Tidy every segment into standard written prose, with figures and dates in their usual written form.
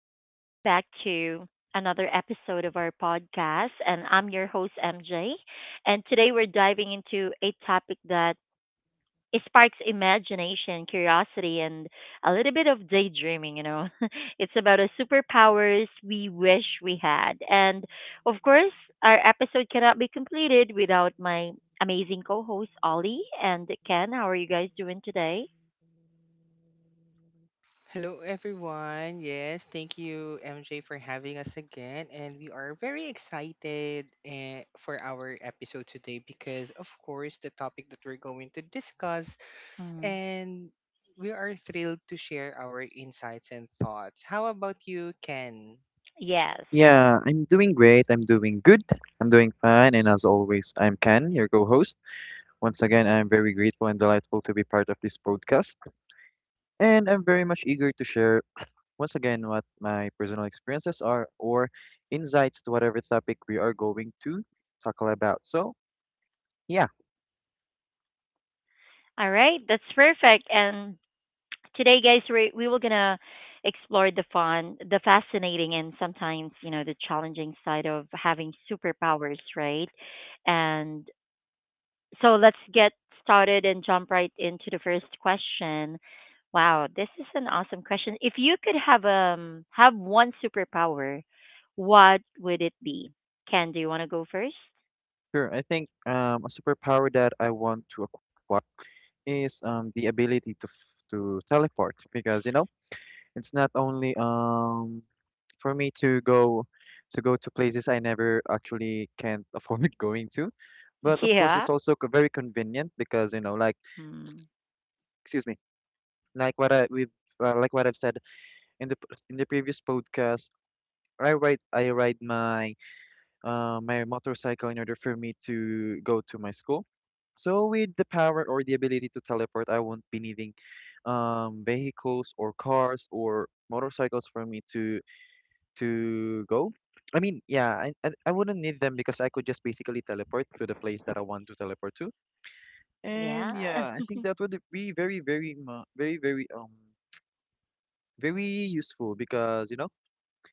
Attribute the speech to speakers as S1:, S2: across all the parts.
S1: and welcome back to another episode of our podcast. And I'm your host, MJ. And today we're diving into a topic that sparks imagination, curiosity, and a little bit of daydreaming. It's about the superpowers we wish we had. And of course, our episode cannot be completed without my amazing co host, Ollie and Ken. How are you guys doing today?
S2: Hello, everyone. Yes, thank you, MJ, for having us again. And we are very excited for our episode today because, of course, the topic that we're going to discuss,
S1: Mm.
S2: and we are thrilled to share our insights and thoughts. How about you, Ken?
S1: Yes.
S3: Yeah, I'm doing great. I'm doing good. I'm doing fine. And as always, I'm Ken, your co host. Once again, I'm very grateful and delightful to be part of this podcast. And I'm very much eager to share, once again, what my personal experiences are or insights to whatever topic we are going to tackle about. So, yeah,
S1: All right, that's perfect. And today, guys, we were gonna explore the fun, the fascinating, and sometimes the challenging side of having superpowers, right? And so let's get started and jump right into the first question. Wow, this is an awesome question. If you could have one superpower, what would it be? Ken, do you want to go first?
S3: sure. I think a superpower that I want to acquire is the ability to, to teleport because, you know, it's not only for me to go to places I never actually can't afford going to. But of course,
S1: Yeah.
S3: it's also very convenient because you know, like,
S1: Mm,
S3: excuse me, like what I we like what I've said in the in the previous podcast. I ride my my motorcycle in order for me to go to my school. So with the power or the ability to teleport, I won't be needing vehicles or cars or motorcycles for me to go. I mean, yeah, I wouldn't need them because I could just basically teleport to the place that I want to teleport to. And
S1: yeah.
S3: yeah, I think that would be very, very, very useful because, you know,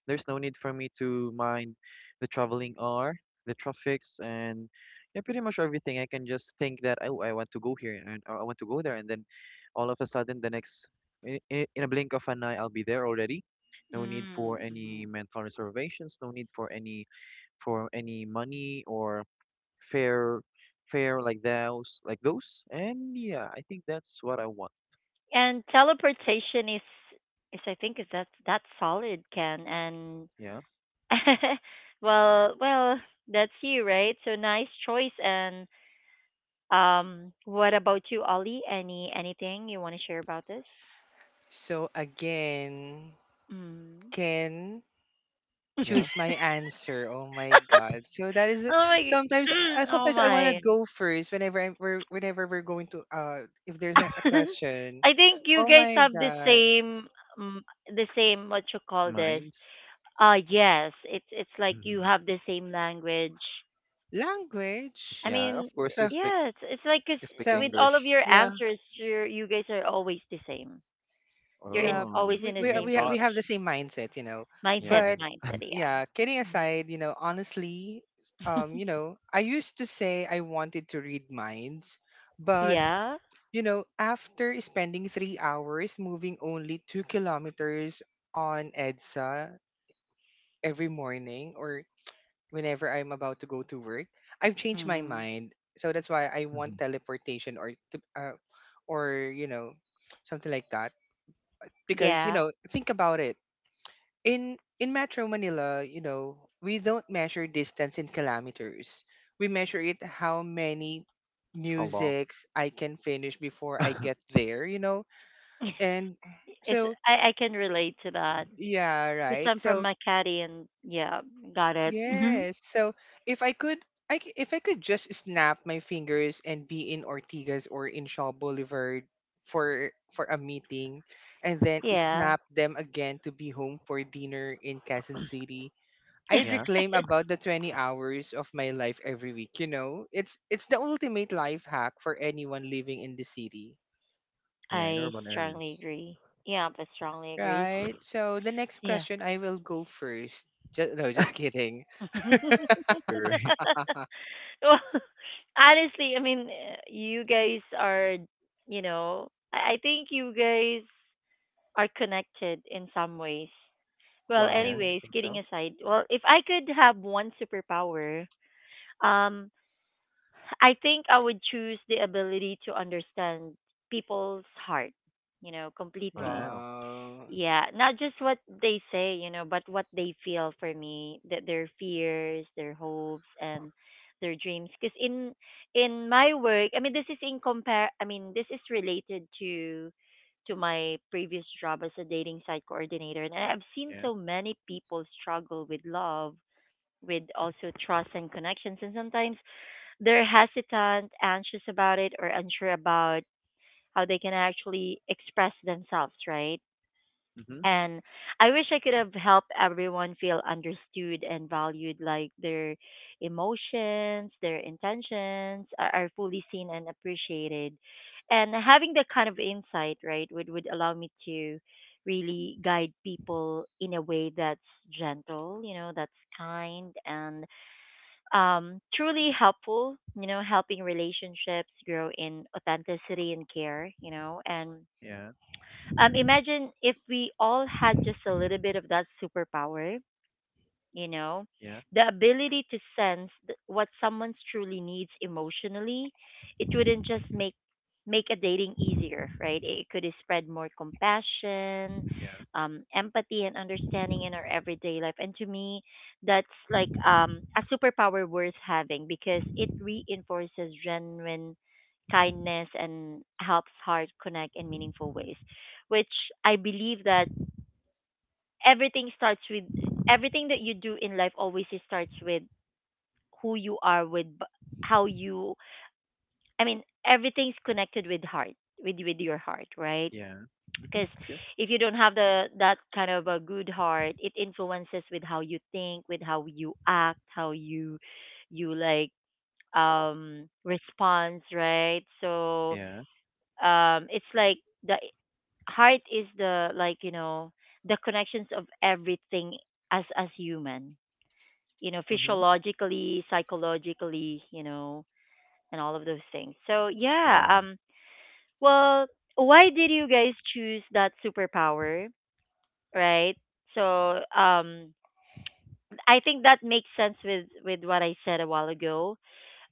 S3: there's no need for me to mind the traveling hour, the traffics, and yeah, pretty much everything. I can just think that, oh, I want to go here and or I want to go there. And then all of a sudden, the next, in a blink of an eye, I'll be there already. No need for any
S1: Mm-hmm.
S3: mental reservations, no need for any money or fair fair like those like those. And yeah, I think that's what I want.
S1: And teleportation is I think is that's solid, Ken. And
S3: Yeah.
S1: well, that's you, right? So nice choice. And what about you, Ollie? Anything you want to share about this?
S2: So, again,
S1: Mm.
S2: Ken.
S1: oh
S3: Yeah.
S2: Choose my answer. Oh my god. So that is
S1: my, g- oh
S2: sometimes I want to
S1: my.
S2: go first whenever I'm, we're whenever we're going to if there's a question.
S1: I think you
S2: Oh
S1: guys
S2: my
S1: have
S2: god.
S1: the same what you call this.
S3: Mines.
S1: Yes, it's like you have the same language I
S2: Language.
S3: Yeah, of
S1: mean,
S3: course we
S2: So
S3: speak.
S1: yeah, it's like 'cause
S3: We speak
S2: so,
S1: with all of
S3: English.
S1: your
S2: yeah,
S1: answers, you guys are always the same. You're
S2: yeah,
S1: in
S3: Oh,
S1: always in the
S3: you mean
S1: same page.
S2: we have the same
S3: thoughts.
S2: mindset, you know.
S3: Yeah.
S1: Mindset,
S3: And
S2: But
S1: mindset, yeah.
S2: yeah, kidding
S1: Mhm.
S2: aside, you know, honestly, I used to say I wanted to read minds, but
S1: Yeah.
S2: After spending 3 hours moving only 2 kilometers on EDSA every morning or whenever I'm about to go to work, I've changed my
S1: Hmm.
S2: mind. So that's why I want teleportation or, or something like that. Because
S1: Yeah.
S2: think about it. In Metro Manila, we don't measure distance in kilometers. We measure it how many
S3: how long.
S2: musics I can finish before I get there. And
S1: it's
S2: so,
S1: I can relate to that
S2: yeah,
S1: because
S2: right.
S1: I'm from
S2: So,
S1: Makati and yeah, got it. Hmm.
S2: yes. So, if I could, I, c- if I could just snap my fingers and be in Ortigas or in Shaw Boulevard for a meeting and then
S1: Yeah.
S2: snap them again to be home for dinner in Quezon City, I'd
S3: Yeah.
S2: reclaim about the 20 hours of my life every week, you know? It's the ultimate life hack for anyone living in the city.
S3: Yeah, in
S1: I
S3: urban
S1: strongly
S3: areas.
S1: agree. Yeah, I strongly agree.
S2: Right. So the next
S1: Yeah.
S2: question, I will go first. Just, no, just kidding.
S1: well,
S3: You're
S1: honestly, I mean, you guys are, you know, I think you guys are connected in some ways. Well,
S3: yeah,
S2: Wow.
S3: I
S1: anyways,
S3: think
S1: kidding
S3: so.
S1: aside, well, if I could have one superpower, um, I think I would choose the ability to understand people's heart, you know, completely.
S3: Wow.
S2: Wow.
S1: Yeah, not just what they say, you know, but what they feel. For me, that their fears, their hopes, and their dreams, because in my work, I mean this is in compare I mean this is related to my previous job as a dating site coordinator, and I've seen
S3: Yeah.
S1: so many people struggle with love, with also trust and connections, and sometimes they're hesitant, anxious about it, or unsure about how they can actually express themselves, right?
S3: Mm-hmm.
S1: And I wish I could have helped everyone feel understood and valued, like their emotions, their intentions are fully seen and appreciated. And having that kind of insight, right, would allow me to really guide people in a way that's gentle, you know, that's kind and truly helpful, you know, helping relationships grow in authenticity and care, you know. And
S3: Yeah.
S1: imagine if we all had just a little bit of that superpower, you know,
S3: Yeah.
S1: the ability to sense what someone truly needs emotionally. It
S3: Mm-hmm.
S1: wouldn't just make a dating easier, right? It could spread more compassion,
S3: Yeah.
S1: empathy, and understanding in our everyday life. And to me, that's like a superpower worth having, because it reinforces genuine kindness and helps heart connect in meaningful ways, which I believe that everything starts with everything that you do in life always starts with who you are with b- how you I mean everything's connected with heart, with your heart, right?
S3: Yeah. Mm-hmm,
S1: Because
S3: true.
S1: if you don't have the that kind of a good heart, it influences with how you think, with how you act, how you you like response, right? So
S3: Yeah.
S1: it's like the heart is the like, you know, the connections of everything as human, you know,
S3: Mm-hmm.
S1: physiologically, psychologically, you know, and all of those things. So yeah,
S3: Yeah.
S1: well, why did you guys choose that superpower, right? So um, I think that makes sense with what I said a while ago,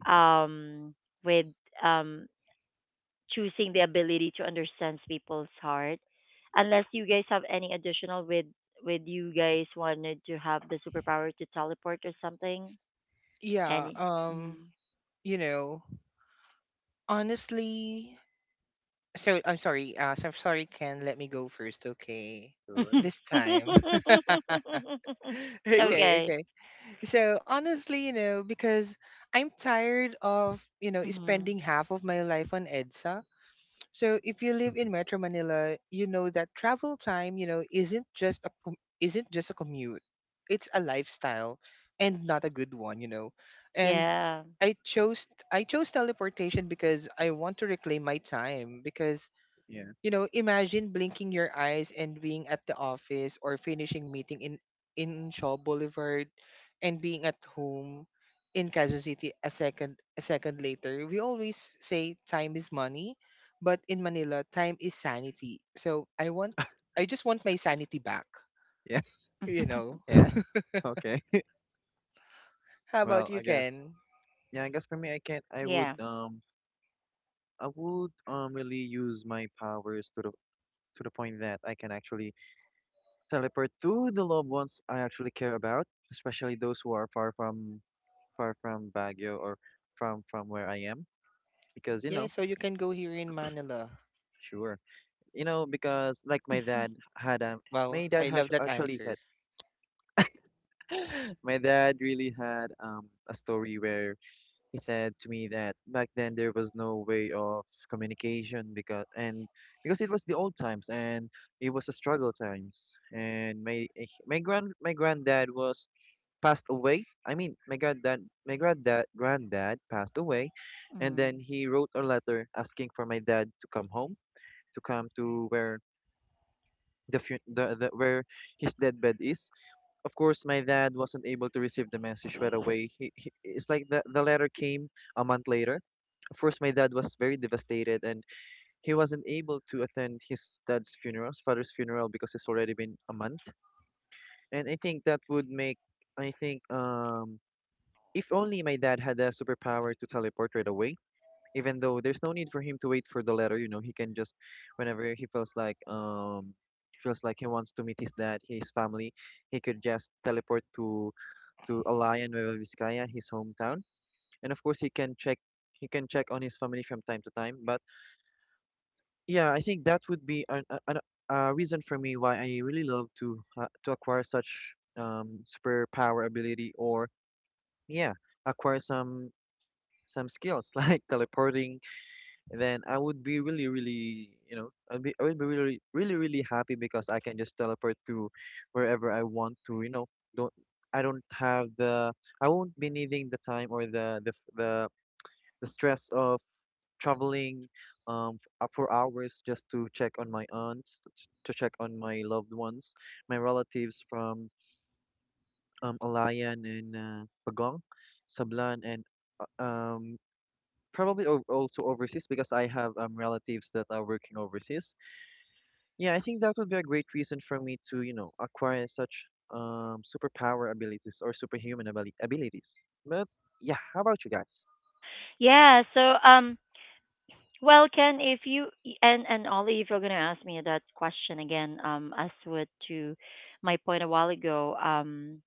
S1: um, with um choosing the ability to understand people's heart. Unless you guys have any additional with you guys wanted to have the superpower to teleport or something,
S2: Yeah,
S1: any. Mm-hmm.
S2: you know, honestly, so I'm sorry, Ken, let me go first, okay?
S3: Sure.
S2: This time.
S3: Sure.
S2: Okay,
S1: okay.
S2: okay. So honestly, because I'm tired of,
S1: Hmm.
S2: spending half of my life on EDSA. So if you live in Metro Manila, you know that travel time, isn't just a isn't just a commute. It's a lifestyle and not a good one. And
S1: Yeah.
S2: I chose I chose teleportation because I want to reclaim my time because,
S3: Yeah.
S2: imagine blinking your eyes and being at the office or finishing meeting in Shaw Boulevard and being at home in Quezon City a second later. We always say time is money, but in Manila, time is sanity. So I just want my sanity back,
S3: Yes.
S2: you know.
S3: Yeah. Okay.
S2: How about
S3: Well, I
S2: you,
S3: guess.
S2: Ken?
S3: Yeah, I guess for me, I can't.
S1: yeah.
S3: I would really use my powers to the point that I can actually teleport to the loved ones I actually care about, especially those who are far from Baguio or from where I am, because you
S2: Yeah,
S3: know,
S2: so you can go here in Manila.
S3: sure, you know, because like my dad had
S2: Wow,
S3: my dad
S2: I
S3: has
S2: love that
S3: actually
S2: answer.
S3: had, my dad really had a story where he said to me that back then there was no way of communication because it was the old times and it was a struggle times and my my grand my granddad was passed away. I mean my granddad granddad passed away, and then
S1: Mm.
S3: he wrote a letter asking for my dad to come home, to come to where the where his deathbed is. Of course, my dad wasn't able to receive the message right away. He it's like the letter came a month later. Of course, my dad was very devastated and he wasn't able to attend his dad's funeral, his father's funeral, because it's already been a month. And I think that would make, I think, if only my dad had a superpower to teleport right away, even though there's no need for him to wait for the letter, you know, he can just, whenever he feels feels like he wants to meet his dad, his family, he could just teleport to Alayan, Nueva Vizcaya, his hometown. And of course, he can check on his family from time to time. But yeah, I think that would be an a reason for me why I really love to acquire such superpower ability or yeah, acquire some skills like teleporting. Then I would be really, really, you know, I'd be, I would be really, really, really happy because I can just teleport to wherever I want to. You know, don't I don't have the I won't be needing the time or the stress of traveling for hours just to check on my to check on my loved ones, my relatives from Alayan and Pagong Sablan and uh, um probably also overseas because I have relatives that are working overseas. Yeah, I think that would be a great reason for me to, you know, acquire such superpower abilities or superhuman abilities. But yeah, how about you guys?
S1: Yeah. So, well, Ken, if you and Ollie, if you're gonna ask me that question again, as with to my point a while ago,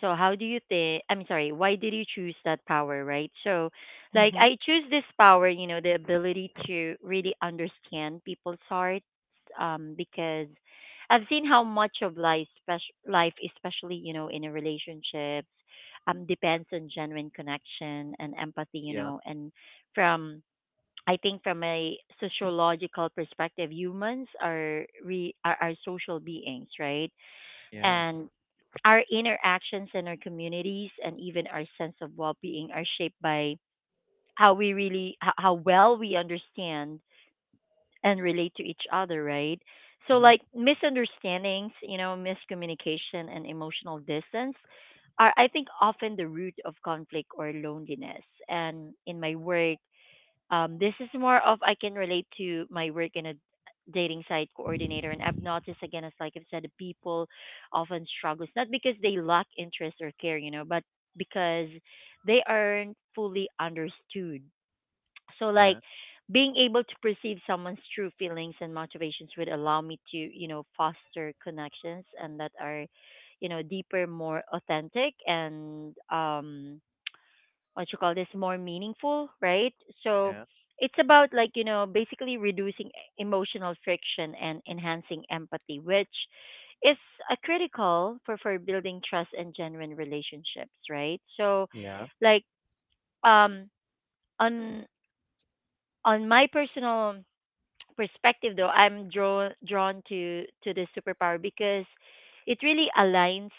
S1: so how do you think? I'm sorry. Why did you choose that power, right? So, like,
S2: Mm-hmm.
S1: I choose this power. You know, the ability to really understand people's hearts, because I've seen how much of life, especially you know, in a relationships, depends on genuine connection and empathy. You
S3: Yeah,
S1: know, and from I think from a sociological perspective, humans are re are social beings, right?
S3: yeah,
S1: And our interactions and our communities and even our sense of well being are shaped by how how well we understand and relate to each other, right? So,
S3: mm-hmm,
S1: like misunderstandings, you know, miscommunication and emotional distance are, I think, often the root of conflict or loneliness. And in my work, this is more of I can relate to my work in a dating site coordinator, and I've noticed again, as like I've said, people often struggle. It's not because they lack interest or care, you know, but because they aren't fully understood. So like
S3: yeah,
S1: being able to perceive someone's true feelings and motivations would allow me to, you know, foster connections and that are, you know, deeper, more authentic, and what you call this more meaningful, right? So
S3: yeah,
S1: it's about like, you know, basically reducing emotional friction and enhancing empathy, which is a critical for building trust and genuine relationships, right? So
S3: yeah,
S1: like um on on my personal perspective, though, I'm drawn to to this superpower because it really aligns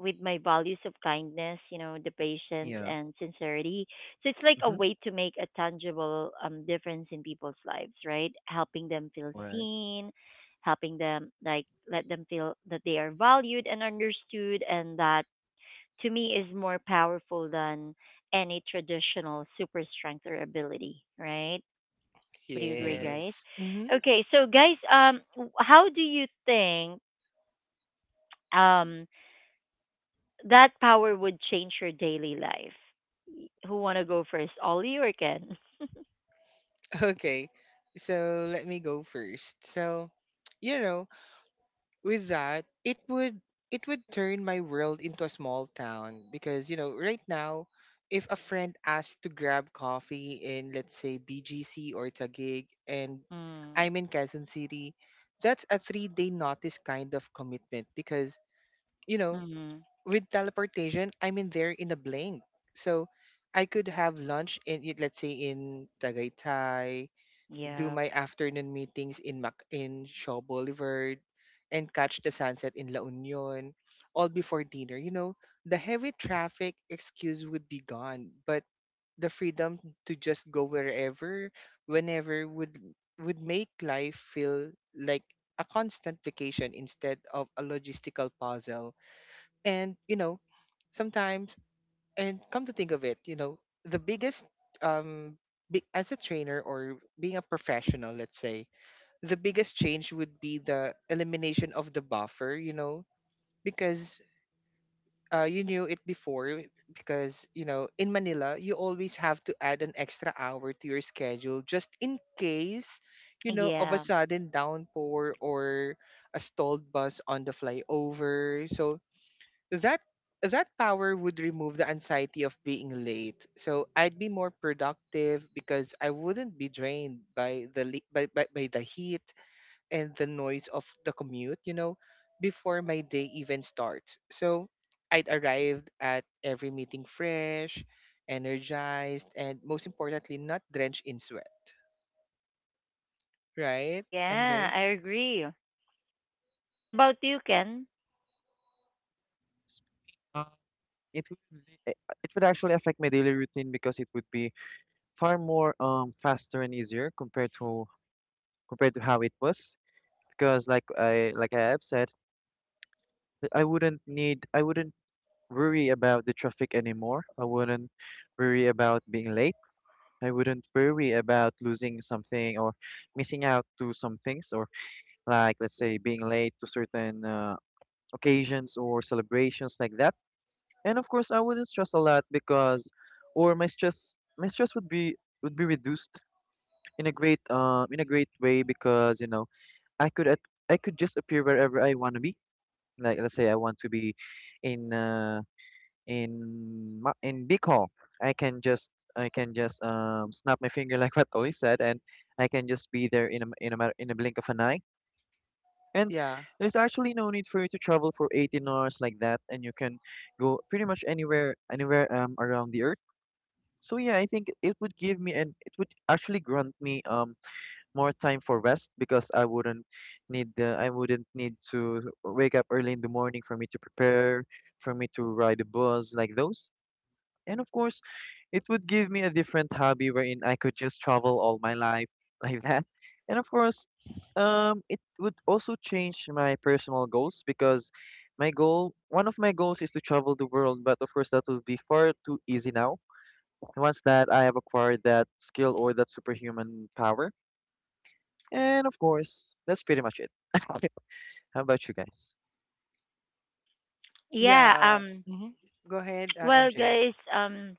S1: with my values of kindness, you know, the patience
S3: yeah,
S1: and sincerity. So it's like a
S3: mm-hmm,
S1: way to make a tangible difference in people's lives, right? Helping them feel
S3: right,
S1: seen, helping them like let them feel that they are valued and understood, and that to me is more powerful than any traditional super strength or ability, right? Would you
S3: yeah.
S1: agree, guys?
S2: Yes. Mm-hmm.
S1: Okay, so guys, how do you think um that power would change your daily life? Who wanna go first, Ollie or Ken?
S2: Okay, so let me go first. So, you know, with that, it would turn my world into a small town because, right now, if a friend asks to grab coffee in let's say BGC or Taguig, and
S1: Mm,
S2: I'm in Quezon City, that's a 3 day notice kind of commitment because, you know
S1: mm,
S2: with teleportation, I'm in there in a blink. So, I could have lunch in let's say in Tagaytay, do
S1: yeah,
S2: my afternoon meetings in Mac in Shaw Boulevard and catch the sunset in La Union all before dinner. The heavy traffic excuse would be gone, but the freedom to just go wherever, whenever would make life feel like a constant vacation instead of a logistical puzzle. And, sometimes, and come to think of it, the biggest um as a trainer or being a professional, let's say, the biggest change would be the elimination of the buffer, because you knew it before because, in Manila you always have to add an extra hour to your schedule just in case, of a
S1: yeah,
S2: sudden downpour or a stalled bus on the flyover. So that that power would remove the anxiety of being late, so I'd be more productive because I wouldn't be drained by by the heat and the noise of the commute before my day even starts, so I'd arrived at every meeting fresh, energized, and most importantly not drenched in sweat, right,
S1: yeah.
S2: MJ?
S1: I agree. What about you, Ken?
S3: Uh, It would be- eh, it would actually affect my daily routine because it would be far more faster and easier compared to compared to how it was. Because like I have said, th- I wouldn't need I wouldn't worry about the traffic anymore. I wouldn't worry about being late. I wouldn't worry about losing something or missing out to some things or like let's say being late to certain occasions or celebrations like that. And of course, I wouldn't stress a lot because or my stress would be reduced in a great way because you know I could at, I could just appear wherever I want to be. Like let's say I want to be in uh, in ma- in Bicol, I can just I can just snap my finger like what Oli said, and I can just be there in a m- in a matter in a blink of an eye. And
S2: Yeah.
S3: there's actually no need for you to travel for 18 hours like that, and you can go pretty much anywhere anywhere around the earth. So yeah, I think it would give me and it would actually grant me more time for rest because I wouldn't need the I wouldn't need to wake up early in the morning for me to prepare, for me to ride a bus like those. And of course, it would give me a different hobby wherein I could just travel all my life like that. And of course, it would also change my personal goals because my goal, one of my goals is to travel the world, but of course, that would be far too easy now once that I have acquired that skill or that superhuman power. And of course, that's pretty much it. how about you guys?
S1: Yeah.
S2: Yeah. Hmm. Go ahead,
S1: Well,
S2: MJ.
S1: guys.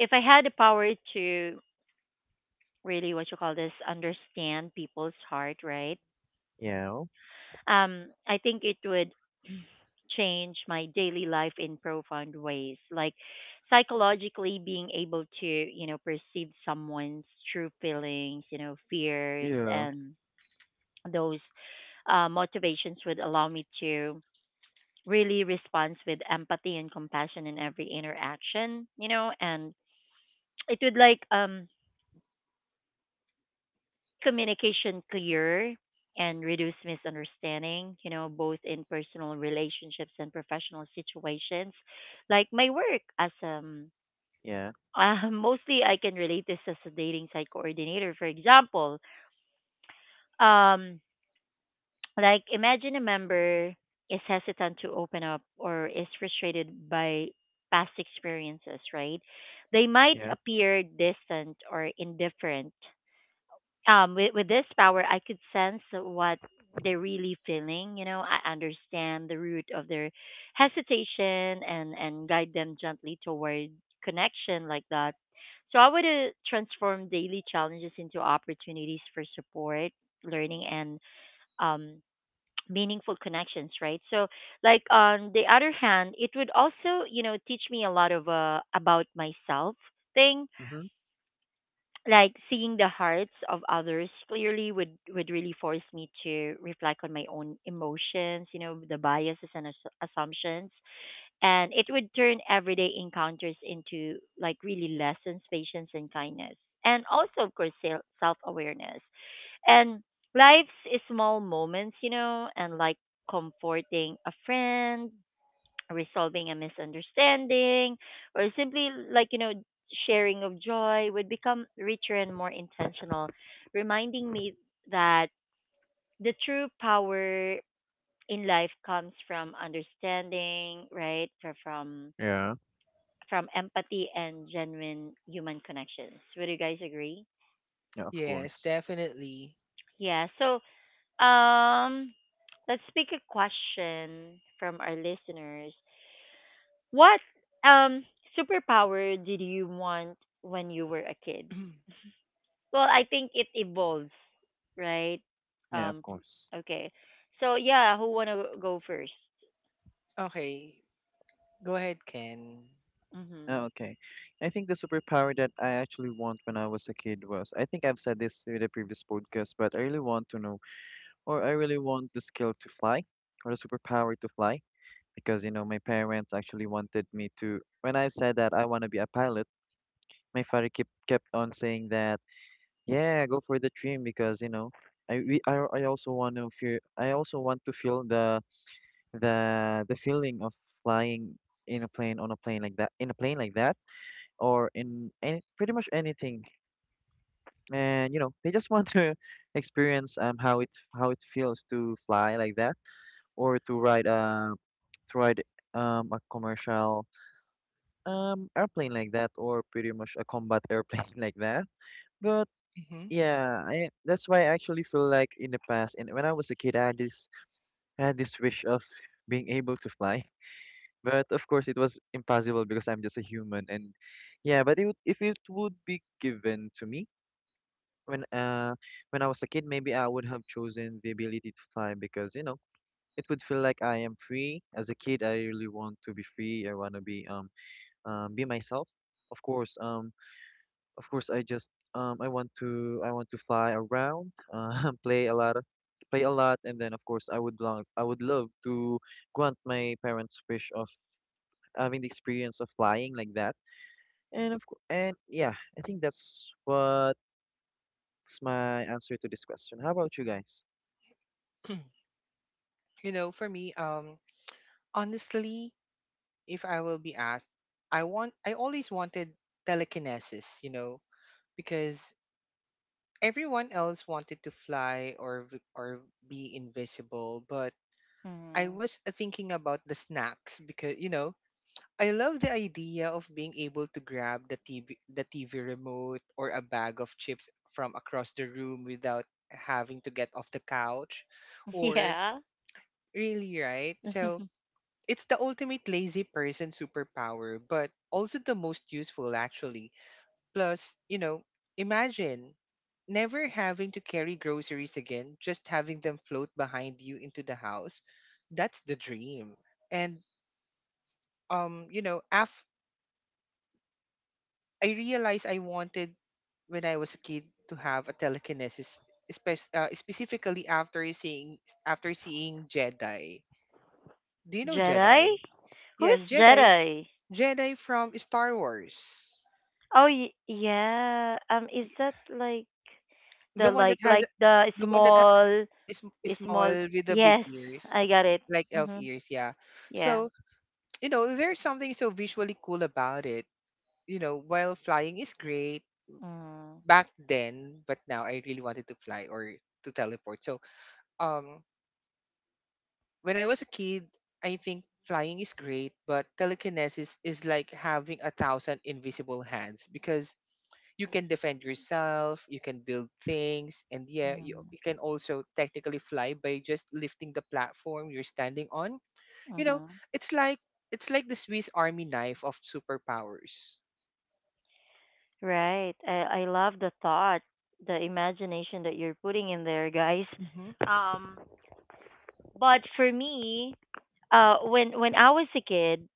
S1: If I had the power to really, what you call this, understand people's heart, right?
S3: Yeah.
S1: I think it would change my daily life in profound ways, like psychologically being able to, you know, perceive someone's true feelings, you know, fears,
S3: Yeah.
S1: and those motivations would allow me to really respond with empathy and compassion in every interaction, you know, and it would like make communication clear and reduce misunderstanding, you know, both in personal relationships and professional situations. Like my work as
S3: Yeah.
S1: mostly I can relate this as a dating site coordinator. For example, um like imagine a member is hesitant to open up or is frustrated by past experiences, right? They might
S3: Yeah.
S1: appear distant or indifferent. With this power, I could sense what they're really feeling, you know. I understand the root of their hesitation and guide them gently toward connection like that. So I would transform daily challenges into opportunities for support, learning, and um meaningful connections, right? So like on the other hand, it would also, you know, teach me a lot of about myself thing,
S3: Mm-hmm.
S1: like seeing the hearts of others clearly would really force me to reflect on my own emotions, you know, the biases and assumptions, and it would turn everyday encounters into like really lessons, patience, and kindness, and also of course self awareness. And life's small moments, you know, and like comforting a friend, resolving a misunderstanding, or simply like, you know, sharing of joy would become richer and more intentional, reminding me that the true power in life comes from understanding, right? Fro- From
S3: Yeah.
S1: from empathy and genuine human connections. Would you guys agree?
S3: Yeah, of
S2: Yes,
S3: course.
S2: definitely.
S1: Yeah. So, um, let's pick a question from our listeners. What um superpower did you want when you were a kid? Well, I think it evolves, right?
S3: Yeah, of course.
S1: Okay. So yeah, who wanna go first?
S2: Okay. Go ahead, Ken.
S3: Oh,
S1: Mhm.
S3: okay. I think the superpower that I actually want when I was a kid was, I think I've said this in the previous podcast, but I really want to know, or I really want the skill to fly, or the superpower to fly, because, you know, my parents actually wanted me to, when I said that I want to be a pilot, my father kept on saying that, yeah, go for the dream, because, you know, I also want to feel, I also want to feel the the feeling of flying in a plane on a plane like that, in a plane like that or in any, pretty much anything. And you know, they just want to experience how it feels to fly like that or to ride a commercial airplane like that or pretty much a combat airplane like that. But
S2: Hmm.
S3: yeah, I, that's why I actually feel like in the past and when I was a kid, I had this wish of being able to fly. But of course, it was impossible because I'm just a human. And yeah, but it would, if it would be given to me. When when I was a kid, maybe I would have chosen the ability to fly because you know it would feel like I am free. As a kid, I really want to be free. I want to be myself. Of course, um of course I just I want to fly around, play a lot, and then of course I would love to grant my parents' wish of having the experience of flying like that. And of course, and yeah, I think that's what's my answer to this question. How about you guys?
S2: You know, for me, honestly, if I will be asked, I always wanted telekinesis. You know, because everyone else wanted to fly or be invisible, but I
S1: Mhm.
S2: was thinking about the snacks because, I love the idea of being able to grab the TV remote or a bag of chips from across the room without having to get off the couch, or
S1: Yeah.
S2: really right so. It's the ultimate lazy person superpower, but also the most useful, actually. Plus, imagine never having to carry groceries again, just having them float behind you into the house. That's the dream. And, um, you know, af- I realized I wanted when I was a kid to have a telekinesis, specifically after seeing Jedi. Do you know
S1: Jedi?
S2: Jedi?
S1: Who's
S2: Yes, Jedi.
S1: Jedi?
S2: Jedi from Star Wars.
S1: Oh yeah. Um, is
S2: Y-
S1: that like
S2: The
S1: the
S2: one that has
S1: the
S2: the one that ha-
S1: small
S2: is m- is small
S1: small
S2: with the big
S1: yes, I
S2: ears,
S1: got it.
S2: like elf
S1: Mhm.
S2: ears, yeah.
S1: Yeah.
S2: So, there's something so visually cool about it. While flying is great
S1: Mm-hmm.
S2: back then, but now I really wanted to fly or to teleport. So, um, when I was a kid, I think flying is great, but telekinesis is like having a thousand invisible hands because you can defend yourself, you can build things, and yeah, you can also technically fly by just lifting the platform you're standing on. You know,
S1: Mm-hmm.
S2: it's like it's like the Swiss Army knife of superpowers.
S1: Right. I love the thought, the imagination that you're putting in there, guys.
S2: Mm-hmm.
S1: Um, but for me, when I was a kid,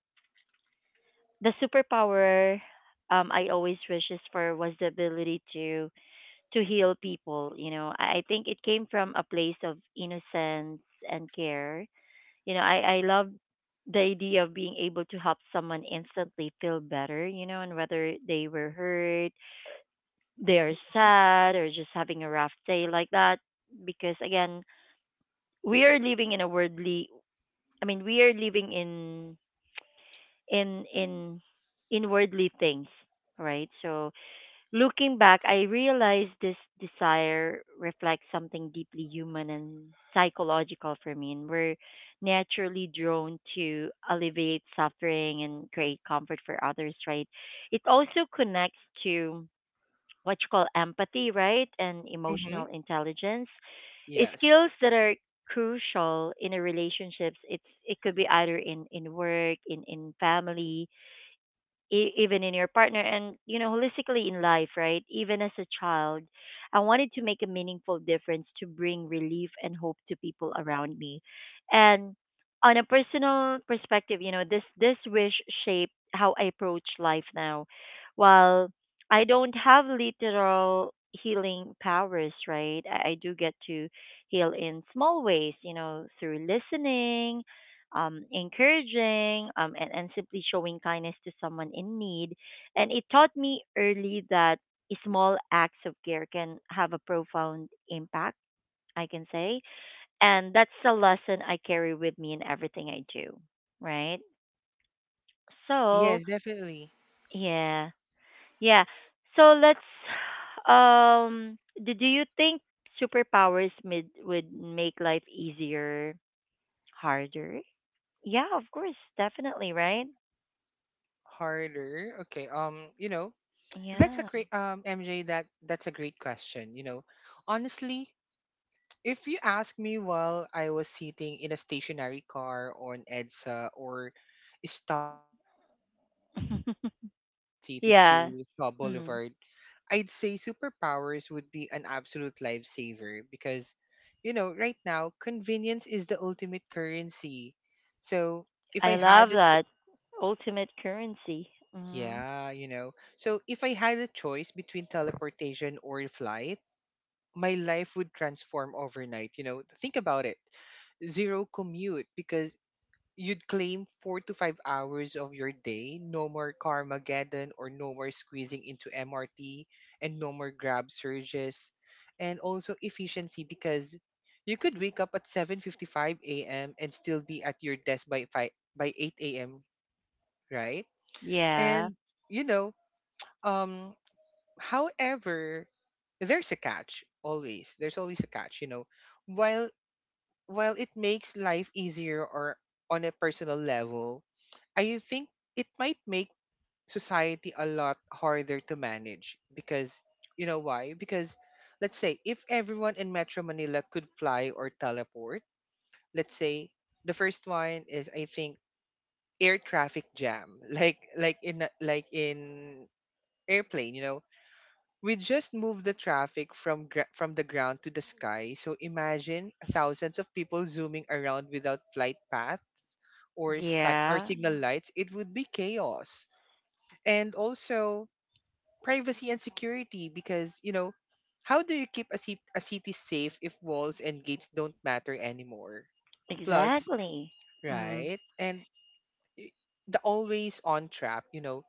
S1: the superpower I always wishes for was the ability to heal people. You know, I think it came from a place of innocence and care. You know, I love the idea of being able to help someone instantly feel better. You know, and whether they were hurt they're sad or just having a rough day like that because again we are living in a worldly we are living in in in in worldly things, right? So looking back, I realized this desire reflects something deeply human and psychological for me, and we're naturally drawn to alleviate suffering and create comfort for others, right? It also connects to what you call empathy, right? And
S2: Mm-hmm.
S1: emotional intelligence. Is skills
S2: Yes.
S1: that are crucial in a relationships. It's it could be either in work, in family, even in your partner, and you know holistically in life, right? Even as a child, I wanted to make a meaningful difference, to bring relief and hope to people around me. And on a personal perspective, you know, this wish shaped how I approach life now. While I don't have literal healing powers, right, I do get to heal in small ways, you know, through listening, encouraging, and, simply showing kindness to someone in need. And it taught me early that small acts of care can have a profound impact, I can say. And that's a lesson I carry with me in everything I do, right?
S2: Yes,
S1: So,
S2: definitely.
S1: yeah, yeah. So let's, do you think superpowers would make life easier, harder? Yeah, of course, definitely, right?
S2: Harder. Okay. That's a
S1: Yeah.
S2: great MJ, that's a great question. Honestly, if you ask me while I was sitting in a stationary car on EDSA or stuck in a 3 hour commute from Quezon City
S1: yeah.
S2: to Shaw
S1: Mm.
S2: Boulevard, I'd say superpowers would be an absolute lifesaver because, right now, convenience is the ultimate currency. So if
S1: I
S2: I had
S1: love that ultimate currency. Mm.
S2: yeah, you know, a choice between teleportation or flight, my life would transform overnight. You know, think about it. Zero commute because you'd claim 4 to 5 hours of your day. No more Carmageddon or no more squeezing into MRT and no more grab surges. And also efficiency because you could wake up at 7:55 a.m. and still be at your desk by 8 a.m., right?
S1: Yeah.
S2: And, you know, um, however, there's a catch always. There's always a catch. While while it makes life easier or on a personal level, I think it might make society a lot harder to manage because you know why? Because let's say if everyone in Metro Manila could fly or teleport, let's say the first one is I think air traffic jam, like in airplane, we just moved the traffic from the ground to the sky. So imagine thousands of people zooming around without flight paths or
S1: Yeah.
S2: signal lights. It would be chaos. And also privacy and security because, how do you keep a city safe if walls and gates don't matter anymore? Plus,
S1: Exactly. Mm.
S2: right? And i- the always on trap,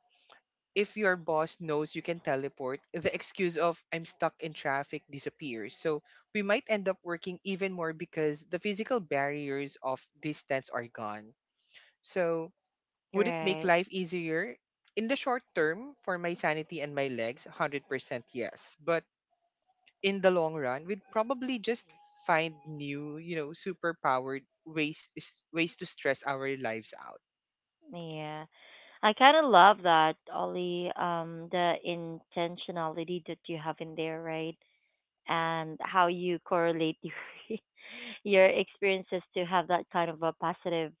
S2: if your boss knows you can teleport, the excuse of I'm stuck in traffic disappears. So we might end up working even more because the physical barriers of distance are gone. So would it make
S1: Right.
S2: life easier? In the short term, for my sanity and my legs, 100% yes. But in the long run we'd probably just find new superpowered ways to stress our lives out.
S1: Yeah. I kind of love that, Ollie, the intentionality that you have in there, right? And how you correlate your experiences to have that kind of a positive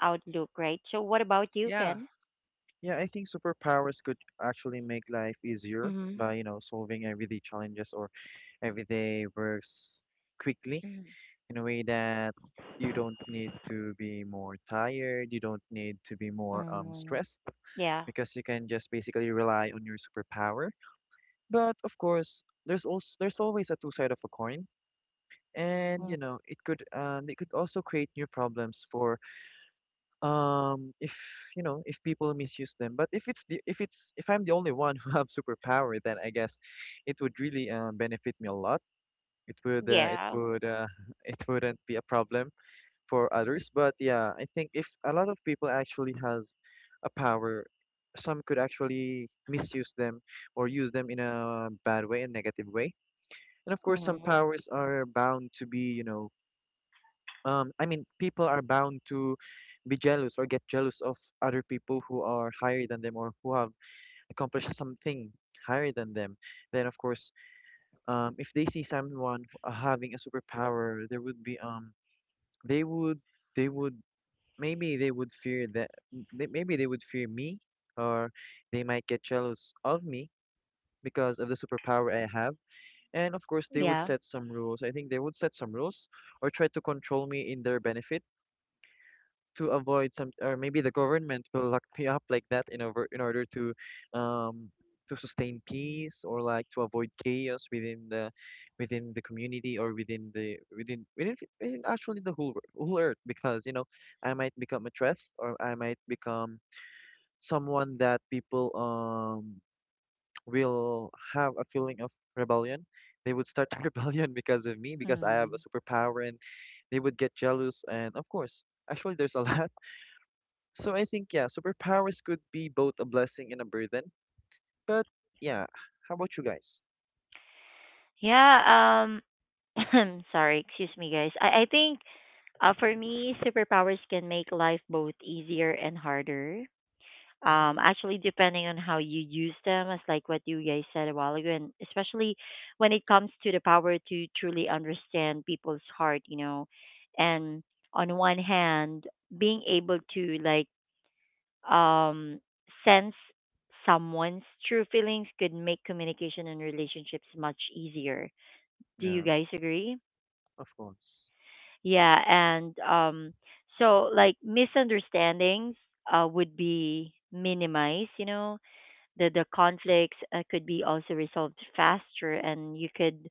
S1: outlook, right? So, what about you,
S2: Yeah,
S1: Ken?
S3: Yeah, I think superpowers could actually make life easier
S1: Mm-hmm.
S3: by, you know, solving everyday challenges or everyday works quickly in a way that you don't need to be more tired, you don't need to be more
S1: Mm.
S3: stressed
S1: Yeah.
S3: because you can just basically rely on your superpower. But of course, there's always a two side of a coin. And you know, it could it could also create new problems for if you know if people misuse them. But if it's the if it's if I'm the only one who have superpower, then I guess it would really benefit me a lot. It would
S1: Yeah.
S3: it wouldn't be a problem for others. But yeah, I think if a lot of people actually has a power, some could actually misuse them or use them in a bad way, a negative way. And of course, some
S1: Hmm.
S3: powers are bound to be you know I mean people are bound to be jealous or get jealous of other people who are higher than them or who have accomplished something higher than them. Then of course, if they see someone having a superpower, there would be they would they would maybe they would fear maybe they would fear me, or they might get jealous of me because of the superpower I have. And of course, they would
S1: Yeah.
S3: set some rules. I think they would set some rules or try to control me in their benefit to avoid some. Or maybe the government will lock me up like that in over in order um to sustain peace, or like to avoid chaos within the community, or within the within actually the whole earth. Because you know, I might become a threat, or I might become someone that people will have a feeling of rebellion. They would start a rebellion because of me, because I have
S1: Mm.
S3: a superpower. And they would get jealous. And of course, actually there's a lot. So I think yeah, superpowers could be both a blessing and a burden. But yeah, how about you guys?
S1: Yeah. I'm sorry. Excuse me, guys. I think for me, superpowers can make life both easier and harder.
S3: Mm-hmm.
S1: Actually, depending on how you use them, as like what you guys said a while ago, and especially when it comes to the power to truly understand people's heart, you know, and on one hand, being able to like um, sense someone's true feelings could make communication and relationships much easier. Do you
S3: Yeah,
S1: guys agree?
S3: of course.
S1: Yeah, and so like misunderstandings would be minimized. You know, the conflicts could be also resolved faster, and you could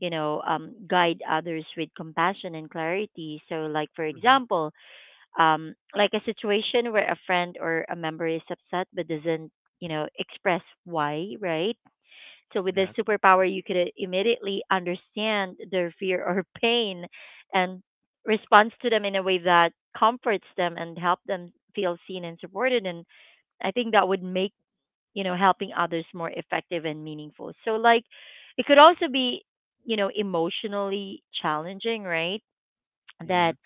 S1: you know guide others with compassion and clarity. So, like for
S3: Mm-hmm.
S1: example, like a situation where a friend or a member is upset but doesn't, you know, express why, right? So with the
S3: Yeah,
S1: superpower, you could immediately understand their fear or pain and responds to them in a way that comforts them and help them feel seen and supported. And I think that would make, you know, helping others more effective and meaningful. So like it could also be, you know, emotionally challenging, right?
S3: yeah,
S1: That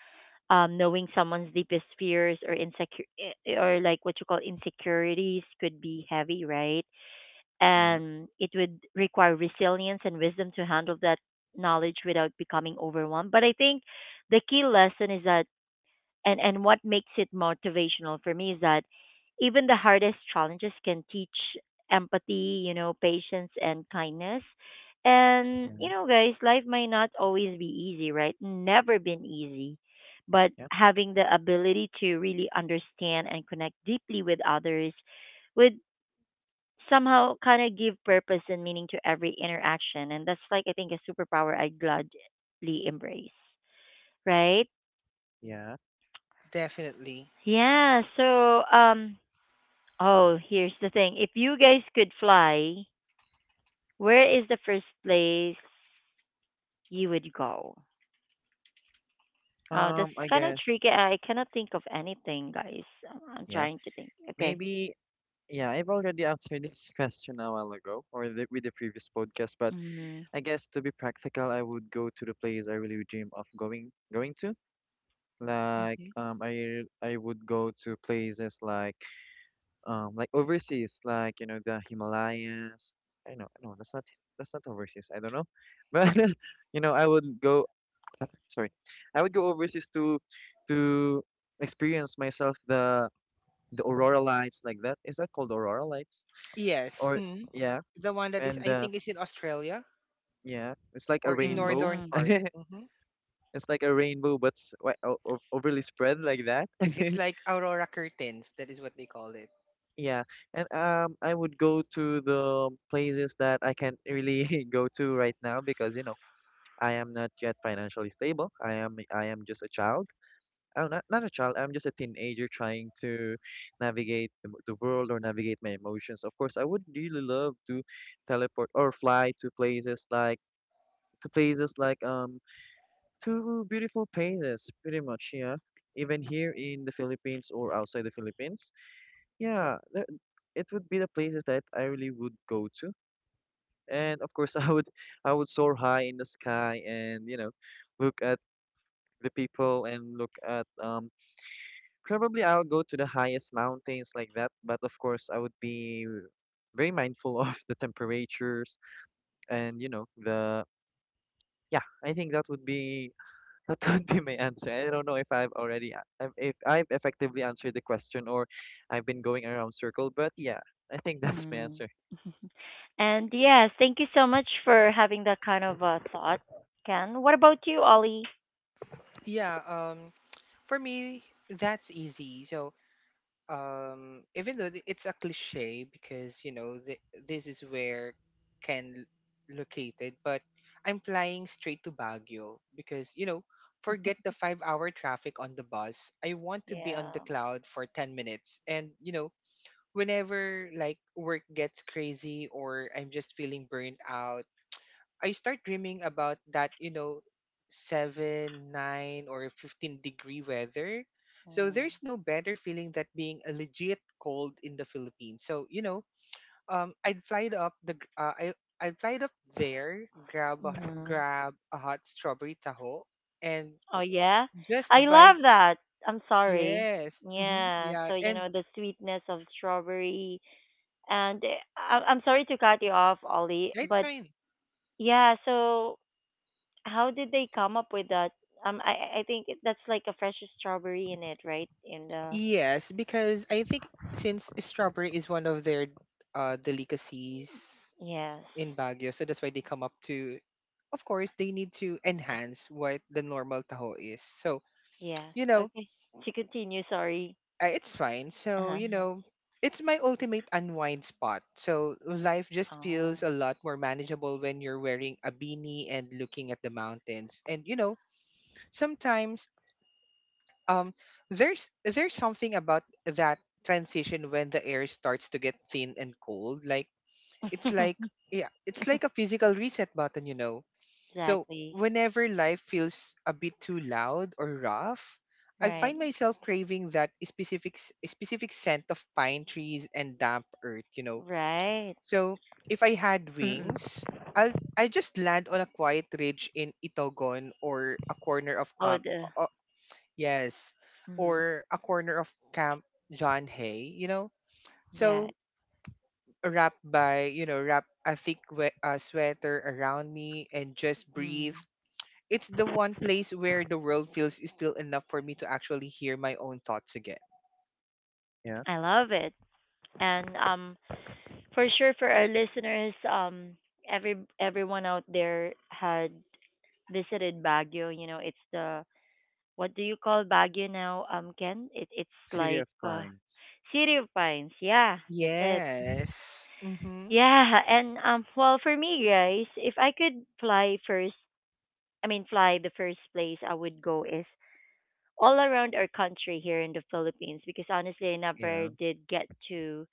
S1: knowing someone's deepest fears or or like what you call insecurities could be heavy, right?
S3: yeah,
S1: And it would require resilience and wisdom to handle that knowledge without becoming overwhelmed. But I think the key lesson is that and what makes it motivational for me is that even the hardest challenges can teach empathy, you know, patience and kindness. And
S3: yeah,
S1: you know, guys, life might not always be easy, right? Never been easy, but
S3: yeah,
S1: having the ability to really understand and connect deeply with others would somehow kind of give purpose and meaning to every interaction, and that's like I think a superpower I'd gladly embrace, right?
S3: yeah.
S2: definitely.
S1: Yeah, so um Oh, here's the thing. If you guys could fly, where is the first place you would go? Oh, that's
S3: I
S1: kind of
S3: guess.
S1: tricky. I cannot think of anything, guys. I'm
S3: Yeah,
S1: trying to think. Okay.
S3: maybe. Yeah, I've already answered this question a while ago, or the, with the previous podcast. But
S1: Mm-hmm.
S3: I guess to be practical, I would go to the place I really dream of going to. Like,
S2: Hmm.
S3: I would go to places like um, like overseas, like, you know, the Himalayas. I know, no, that's not that's not overseas. I don't know, but you know, I would go sorry I would go overseas to experience myself the aurora lights. Like that, is that called aurora lights
S2: Yes,
S3: or yeah?
S2: the one that is
S3: And
S2: I think is in Australia
S3: yeah, it's like a
S2: or in
S3: rainbow.
S2: northern
S1: Mm-hmm.
S2: part.
S3: It's
S2: Hmm.
S3: like a rainbow but overly spread like that.
S2: It's like aurora curtains. That is what they call it.
S3: Yeah, and I would go to the places that I can't really go to right now, because, you know, I am not yet financially stable. I am just a child. Oh, not not a child. I'm just a teenager trying to navigate the world, or navigate my emotions. Of course, I would really love to teleport or fly to places like um, to beautiful places, pretty much. Yeah, even here in the Philippines or outside the Philippines. Yeah, th- it would be the places that I really would go to. And of course, I would soar high in the sky, and you know, look at the people and look at. Probably I'll go to the highest mountains like that. But of course, I would be very mindful of the temperatures and you know the yeah. I think that would be that would be my answer. I don't know if I've if I've effectively answered the question, or I've been going around circle, but yeah, I think that's my
S1: Mm-hmm.
S3: answer.
S1: And yes, thank you so much for having that kind of thought, Ken. What about you, Ollie?
S2: Yeah. For me, that's easy. So even though it's a cliche because, this is where Ken located, but I'm flying straight to Baguio because, forget the 5-hour traffic on the bus. I want to be on the
S1: Yeah.
S2: cloud for 10 minutes, and whenever like work gets crazy or I'm just feeling burnt out, I start dreaming about that, seven, nine, or 15-degree weather. So there's no better feeling that being a legit cold in the Philippines. So, um, I'd fly it up the, gr- uh, I, I'd fly it up there,
S1: Mm-hmm.
S2: grab a hot strawberry taho and
S1: Oh, yeah?
S2: just
S1: I
S2: vibe.
S1: love that. I'm sorry.
S2: Yes. Hmm,
S1: Yeah,
S2: yeah.
S1: so you
S2: And
S1: know the sweetness of strawberry. And I'm sorry to cut you off, Ollie,
S2: that's
S1: but
S2: fine.
S1: yeah. So how did they come up with that? I think that's like a fresh strawberry in it, right? In the
S2: Yes, because I think since strawberry is one of their delicacies,
S1: yes,
S2: in Baguio. So that's why they come up to, of course, they need to enhance what the normal taho is. So,
S1: yeah.
S2: you know,
S1: Okay, to continue. Sorry.
S2: it's fine. So, you
S1: Uh-huh.
S2: know, it's my ultimate unwind spot. So life just feels
S1: Oh.
S2: a lot more manageable when you're wearing a beanie and looking at the mountains. And, you know, sometimes um, there's something about that transition when the air starts to get thin and cold. Like, it's like, yeah, it's like a physical reset button, you know. So,
S1: exactly.
S2: whenever life feels a bit too loud or rough, I
S1: Right.
S2: find myself craving that specific scent of pine trees and damp earth, you know.
S1: Right.
S2: So, if I had
S1: Mm-mm.
S2: wings, I just land on a quiet ridge in Itogon or a corner of
S1: Oh,
S2: camp
S1: the.
S2: uh, yes,
S1: Mm-hmm.
S2: or a corner of Camp John Hay, you know.
S1: Yeah.
S2: So, wrap by, you know, wrap a thick sweater around me and just breathe.
S1: Mm.
S2: It's the one place where the world feels still enough for me to actually hear my own thoughts again.
S3: Yeah.
S1: I love it. And for sure, for our listeners, everyone out there had visited Baguio. You know, it's the what do you call Baguio now, Ken? It it's
S3: City
S1: like
S3: of Pines.
S1: City of Pines. Yeah, that's it.
S2: Yes. Mm-hmm.
S1: Yeah, and well, for me, guys, if I could fly first, I mean, fly the first place I would go is all around our country here in the Philippines, because honestly, I never
S3: Yeah,
S1: did get to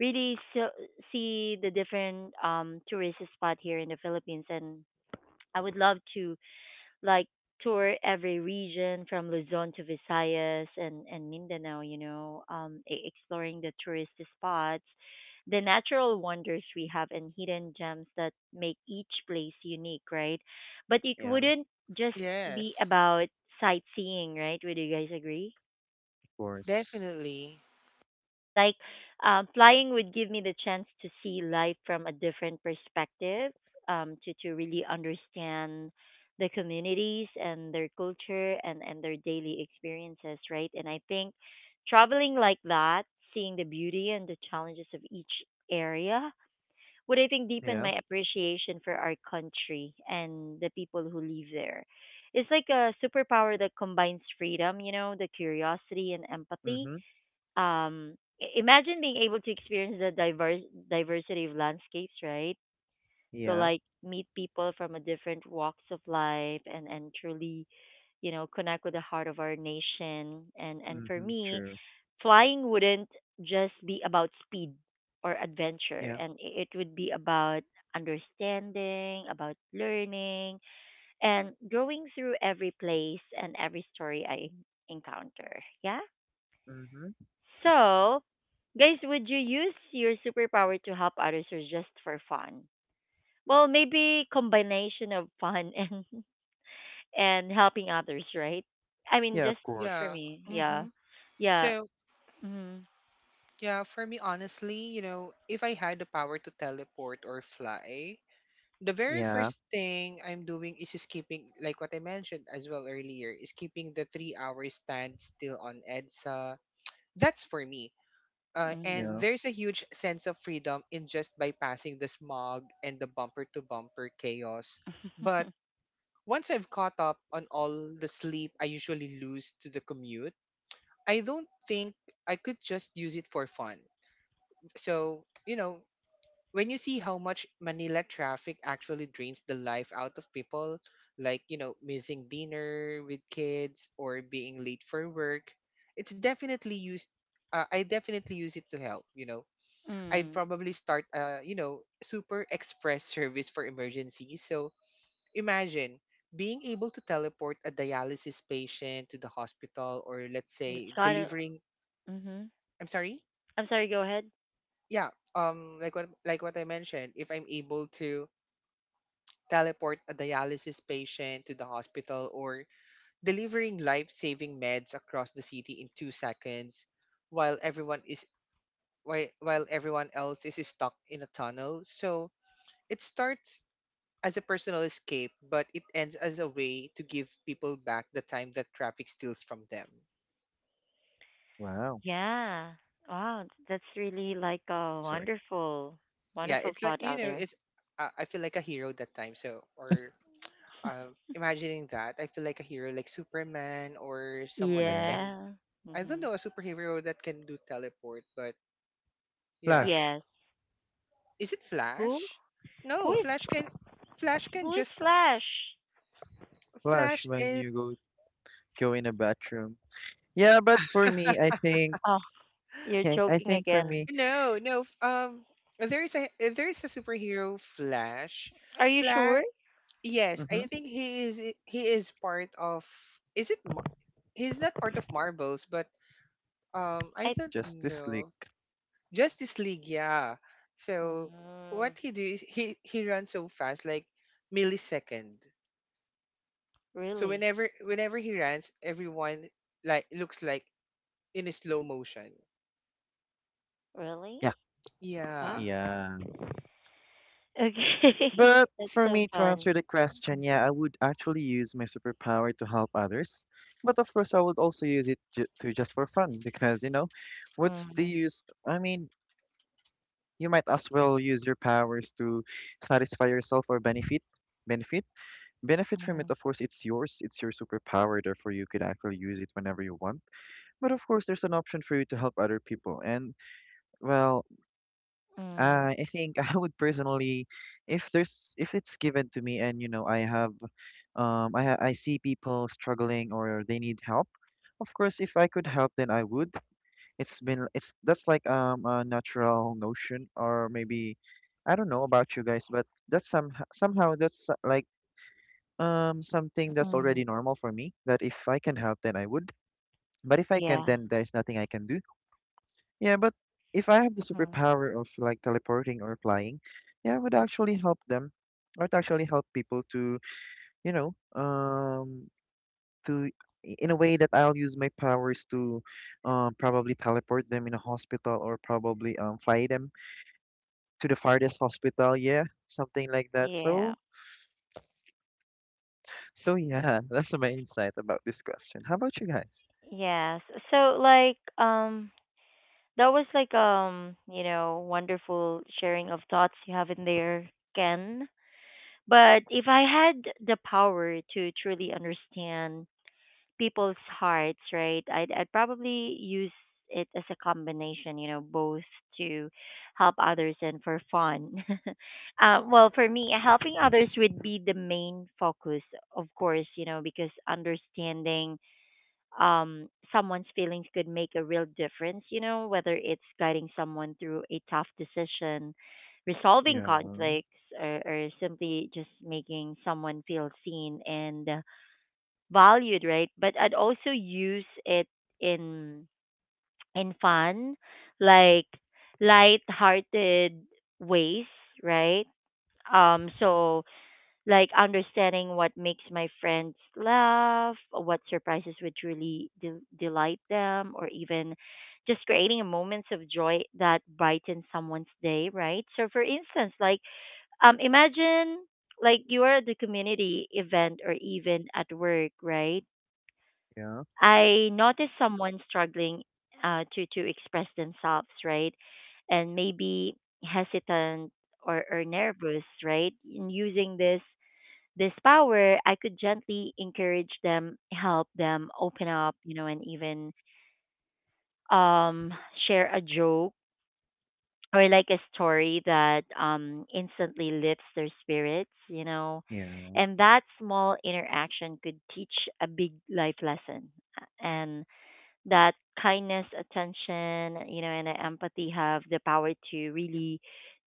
S1: really so, see the different tourist spot here in the Philippines, and I would love to like tour every region from Luzon to Visayas and Mindanao, you know, exploring the tourist spots, the natural wonders we have and hidden gems that make each place unique, right? But it
S3: yeah, of
S1: wouldn't just be
S2: Yes,
S1: about sightseeing, right? Would you guys agree?
S3: course.
S2: definitely.
S1: Like, flying would give me the chance to see life from a different perspective, to really understand the communities and their culture, and, their daily experiences, right? And I think traveling like that, seeing the beauty and the challenges of each area, would I think deepen
S3: Yeah.
S1: my appreciation for our country and the people who live there. It's like a superpower that combines freedom, you know, the curiosity and empathy.
S3: Mm-hmm.
S1: Um, imagine being able to experience the diverse diversity of landscapes, right? So
S3: Yeah.
S1: like meet people from a different walks of life, and truly, you know, connect with the heart of our nation. And for
S3: Mm-hmm.
S1: me,
S3: True.
S1: flying wouldn't just be about speed or adventure,
S3: Yeah.
S1: and it would be about understanding, about learning and growing through every place and every story I encounter, yeah.
S3: Mm-hmm.
S1: So, guys, would you use your superpower to help others or just for fun? Well, maybe combination of fun and helping others, right? I mean,
S3: Yeah,
S1: just
S3: of
S1: for
S2: Yeah.
S3: course.
S1: me, yeah,
S2: Mm-hmm.
S1: yeah.
S2: So,
S1: Mm-hmm.
S2: yeah, for me, honestly, you know, if I had the power to teleport or fly, the very
S3: Yeah.
S2: first thing I'm doing is skipping, like what I mentioned as well earlier, is keeping the 3 hour stand still on EDSA. That's for me. And
S1: Mm-hmm.
S3: Yeah.
S2: there's a huge sense of freedom in just bypassing the smog and the bumper to bumper chaos. But once I've caught up on all the sleep I usually lose to the commute, I don't think I could just use it for fun. So, you know, when you see how much Manila traffic actually drains the life out of people, like, you know, missing dinner with kids or being late for work, it's definitely used. I definitely use it to help, you know. I'd
S1: mm.
S2: probably start a, you know, super express service for emergencies. So imagine being able to teleport a dialysis patient to the hospital or let's
S1: It's
S2: say
S1: kind of.
S2: delivering,
S1: Mm-hmm.
S2: I'm sorry?
S1: I'm sorry. Go ahead.
S2: Yeah, like what I mentioned, if I'm able to teleport a dialysis patient to the hospital, or delivering life saving meds across the city in 2 seconds while while everyone else is stuck in a tunnel. So it starts as a personal escape, but it ends as a way to give people back the time that traffic steals from them.
S3: Wow.
S1: Yeah. Wow, that's really like a
S3: Sorry.
S1: wonderful,
S2: Yeah,
S1: wonderful
S2: it's like
S1: thought
S2: you
S1: out
S2: know,
S1: there.
S2: it's I feel like a hero that time. So or imagining that, I feel like a hero like Superman or someone that
S3: Yeah.
S2: can.
S1: Yeah.
S2: I don't
S1: Mm-hmm.
S2: know a superhero that can do teleport, but yeah.
S3: Flash.
S1: Yes.
S2: Is it
S1: Who?
S2: Flash?
S1: Who
S2: No,
S1: is?
S2: Flash can
S1: Who is
S2: just.
S1: Flash?
S3: Flash
S2: Flash
S3: when
S2: is.
S3: you go go in a bathroom. Yeah, but for me, I think
S1: Oh, you're
S3: yeah, I
S1: joking
S3: think for
S1: again.
S3: me,
S2: No, no. There is a superhero Flash.
S1: Are you
S2: Flash,
S1: sure?
S2: yes,
S3: mm-hmm.
S2: I think he is part of. Is it he's not part of Marvels, but I
S1: I.
S2: don't
S3: Justice
S2: know.
S3: League.
S2: Justice League, yeah. So
S1: Mm,
S2: what he do is he runs so fast like millisecond. So
S1: really?
S2: whenever he runs, everyone like looks like in a slow motion.
S1: Really?
S3: Yeah.
S1: Huh?
S2: Yeah.
S3: Yeah.
S1: Okay.
S3: But
S1: That's
S3: for
S1: so
S3: me to
S1: fun.
S3: answer the question, yeah, I would actually use my superpower to help others. But of course, I would also use it ju to just for fun because, you know, what's the
S1: Mm,
S3: use? I mean, you might as well use your powers to satisfy yourself or benefit. Benefit. Benefit from it.
S1: mm,
S3: Of course, it's yours. It's your superpower. Therefore, you could actually use it whenever you want. But of course, there's an option for you to help other people. And, well,
S1: mm,
S3: I think I would personally, if there's, if it's given to me and, you know, I have um, I ha I see people struggling or they need help. Of course, if I could help, then I would. It's been it's that's like a natural notion, or maybe I don't know about you guys, but that's some somehow that's like something that's
S1: mm.
S3: already normal for me that if I can help, then I would. But if I can't,
S1: Yeah.
S3: then there's nothing I can do. Yeah, but if I have the
S1: Mhm.
S3: superpower of like teleporting or flying, yeah, I would actually help them. I would actually help people to, you know, to in a way that I'll use my powers to probably teleport them in a hospital, or probably fly them to the farthest hospital. Yeah, something like that.
S1: Yeah.
S3: So, so yeah, that's my insight about this question. How about you guys?
S1: Yes. So like um that was like you know, wonderful sharing of thoughts you have in there, Ken. But if I had the power to truly understand people's hearts, right? I'd probably use it as a combination, you know, both to help others and for fun. Well, for me, helping others would be the main focus, of course, you know, because understanding someone's feelings could make a real difference, you know, whether it's guiding someone through a tough decision, resolving
S3: Yeah,
S1: conflicts, or, simply just making someone feel seen and valued, right? But I'd also use it in fun, like light-hearted ways, right? So like understanding what makes my friends laugh, or what surprises would truly delight them, or even just creating moments of joy that brighten someone's day, right? So for instance, like imagine like you are at the community event or even at work, right?
S3: yeah,
S1: I noticed someone struggling to express themselves, right? And maybe hesitant or, nervous, right? In using this power, I could gently encourage them, help them open up, you know, and even um share a joke or like a story that instantly lifts their spirits, you know.
S3: yeah,
S1: And that small interaction could teach a big life lesson. And that kindness, attention, you know, and empathy have the power to really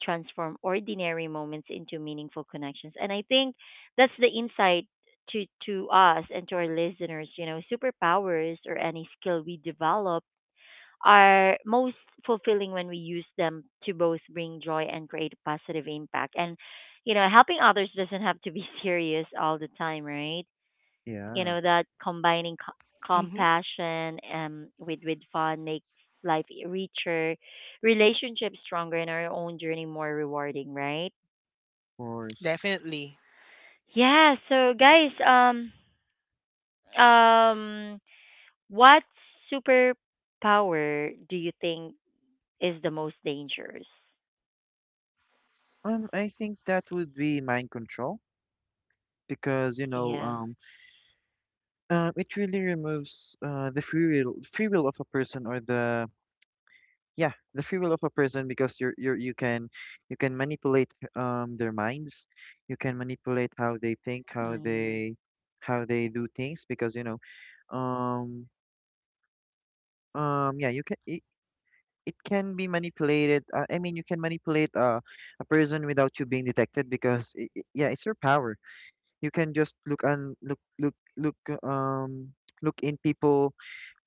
S1: transform ordinary moments into meaningful connections. And I think that's the insight to us and to our listeners, you know, superpowers or any skill we develop are most fulfilling when we use them to both bring joy and create positive impact. And you know, helping others doesn't have to be serious all the time, right? You
S3: yeah, of
S1: know that combining
S2: Mm-hmm.
S1: compassion with fun makes life richer, relationships stronger, and our own journey more rewarding, right?
S3: course.
S2: Definitely.
S1: Yeah. So guys, um, what superpower do you think is the most dangerous?
S3: I think that would be mind control because you know,
S1: Yeah.
S3: it really removes free will of a person, or the yeah the free will of a person, because you're you can manipulate their minds. You can manipulate how they think,
S1: Mm,
S3: how they do things, because you know um yeah you can it, it can be manipulated, I mean you can manipulate a person without you being detected, because yeah it's your power. You can just look and look. uh, um Look in people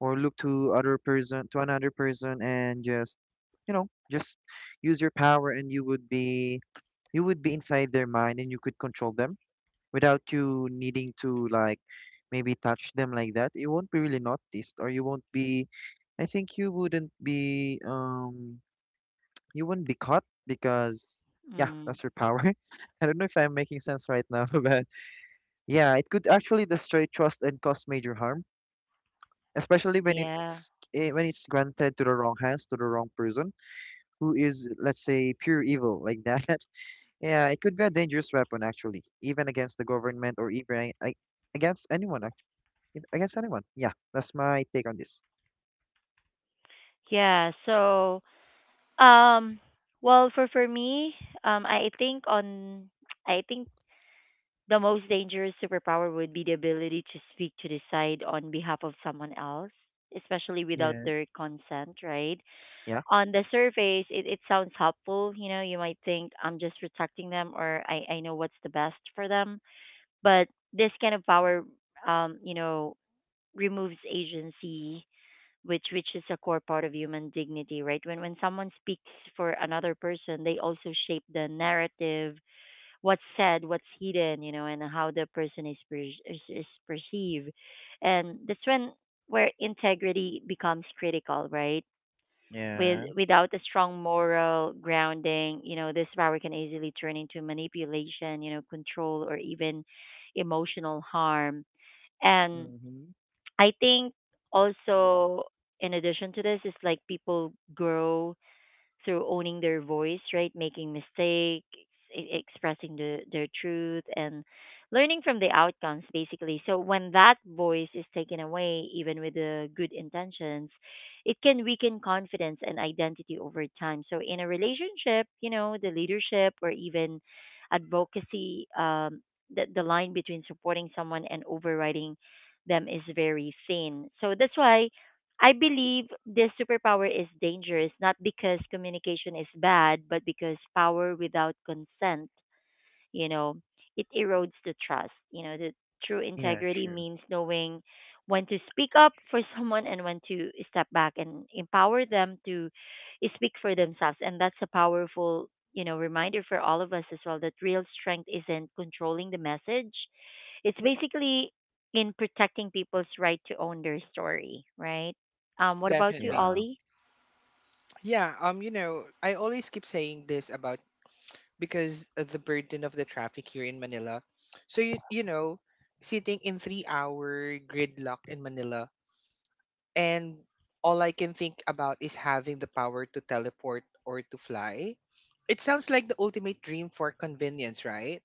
S3: or look to other person to another person, and just you know just use your power, and you would be inside their mind, and you could control them without you needing to like maybe touch them like that. You won't be really noticed, or you won't be I think you wouldn't be caught, because yeah
S1: mm,
S3: that's your power. I don't know if I'm making sense right now, but yeah, it could actually destroy trust and cause major harm, especially when
S1: yeah.
S3: it's when it's granted to the wrong hands, to the wrong person who is let's say pure evil like that. Yeah, it could be a dangerous weapon, actually even against the government, or even against anyone, actually against anyone. Yeah, that's my take on this.
S1: Yeah. So, um, well, for me, um, I think on, I think the most dangerous superpower would be the ability to speak to decide on behalf of someone else, especially without
S3: Yeah.
S1: their consent, right?
S3: Yeah.
S1: On the surface, it sounds helpful. You know, you might think I'm just protecting them or I know what's the best for them. But this kind of power, you know, removes agency, which is a core part of human dignity, right? When someone speaks for another person, they also shape the narrative, what's said, what's hidden, you know, and how the person is perceived, and that's when where integrity becomes critical, right?
S3: Yeah.
S1: Without a strong moral grounding, you know, this power can easily turn into manipulation, you know, control or even emotional harm. And
S3: Mm-hmm.
S1: I think also, in addition to this, is like people grow through owning their voice, right? Making mistakes, expressing their truth, and learning from the outcomes, basically. So when that voice is taken away, even with the good intentions, it can weaken confidence and identity over time. So in a relationship, you know, the leadership or even advocacy, the line between supporting someone and overriding them is very thin. So that's why I believe this superpower is dangerous, not because communication is bad, but because power without consent, you know, it erodes the trust. You know, the true
S3: Yeah,
S1: integrity
S3: true.
S1: means knowing when to speak up for someone and when to step back and empower them to speak for themselves. And that's a powerful, you know, reminder for all of us as well that real strength isn't controlling the message, it's basically in protecting people's right to own their story, right? What about you,
S2: Definitely.
S3: Yeah.
S1: Ollie?
S2: Yeah, you know, I always keep saying this about because of the burden of the traffic here in Manila. So you know, sitting in 3 hour gridlock in Manila and all I can think about is having the power to teleport or to fly. It sounds like the ultimate dream for convenience, right?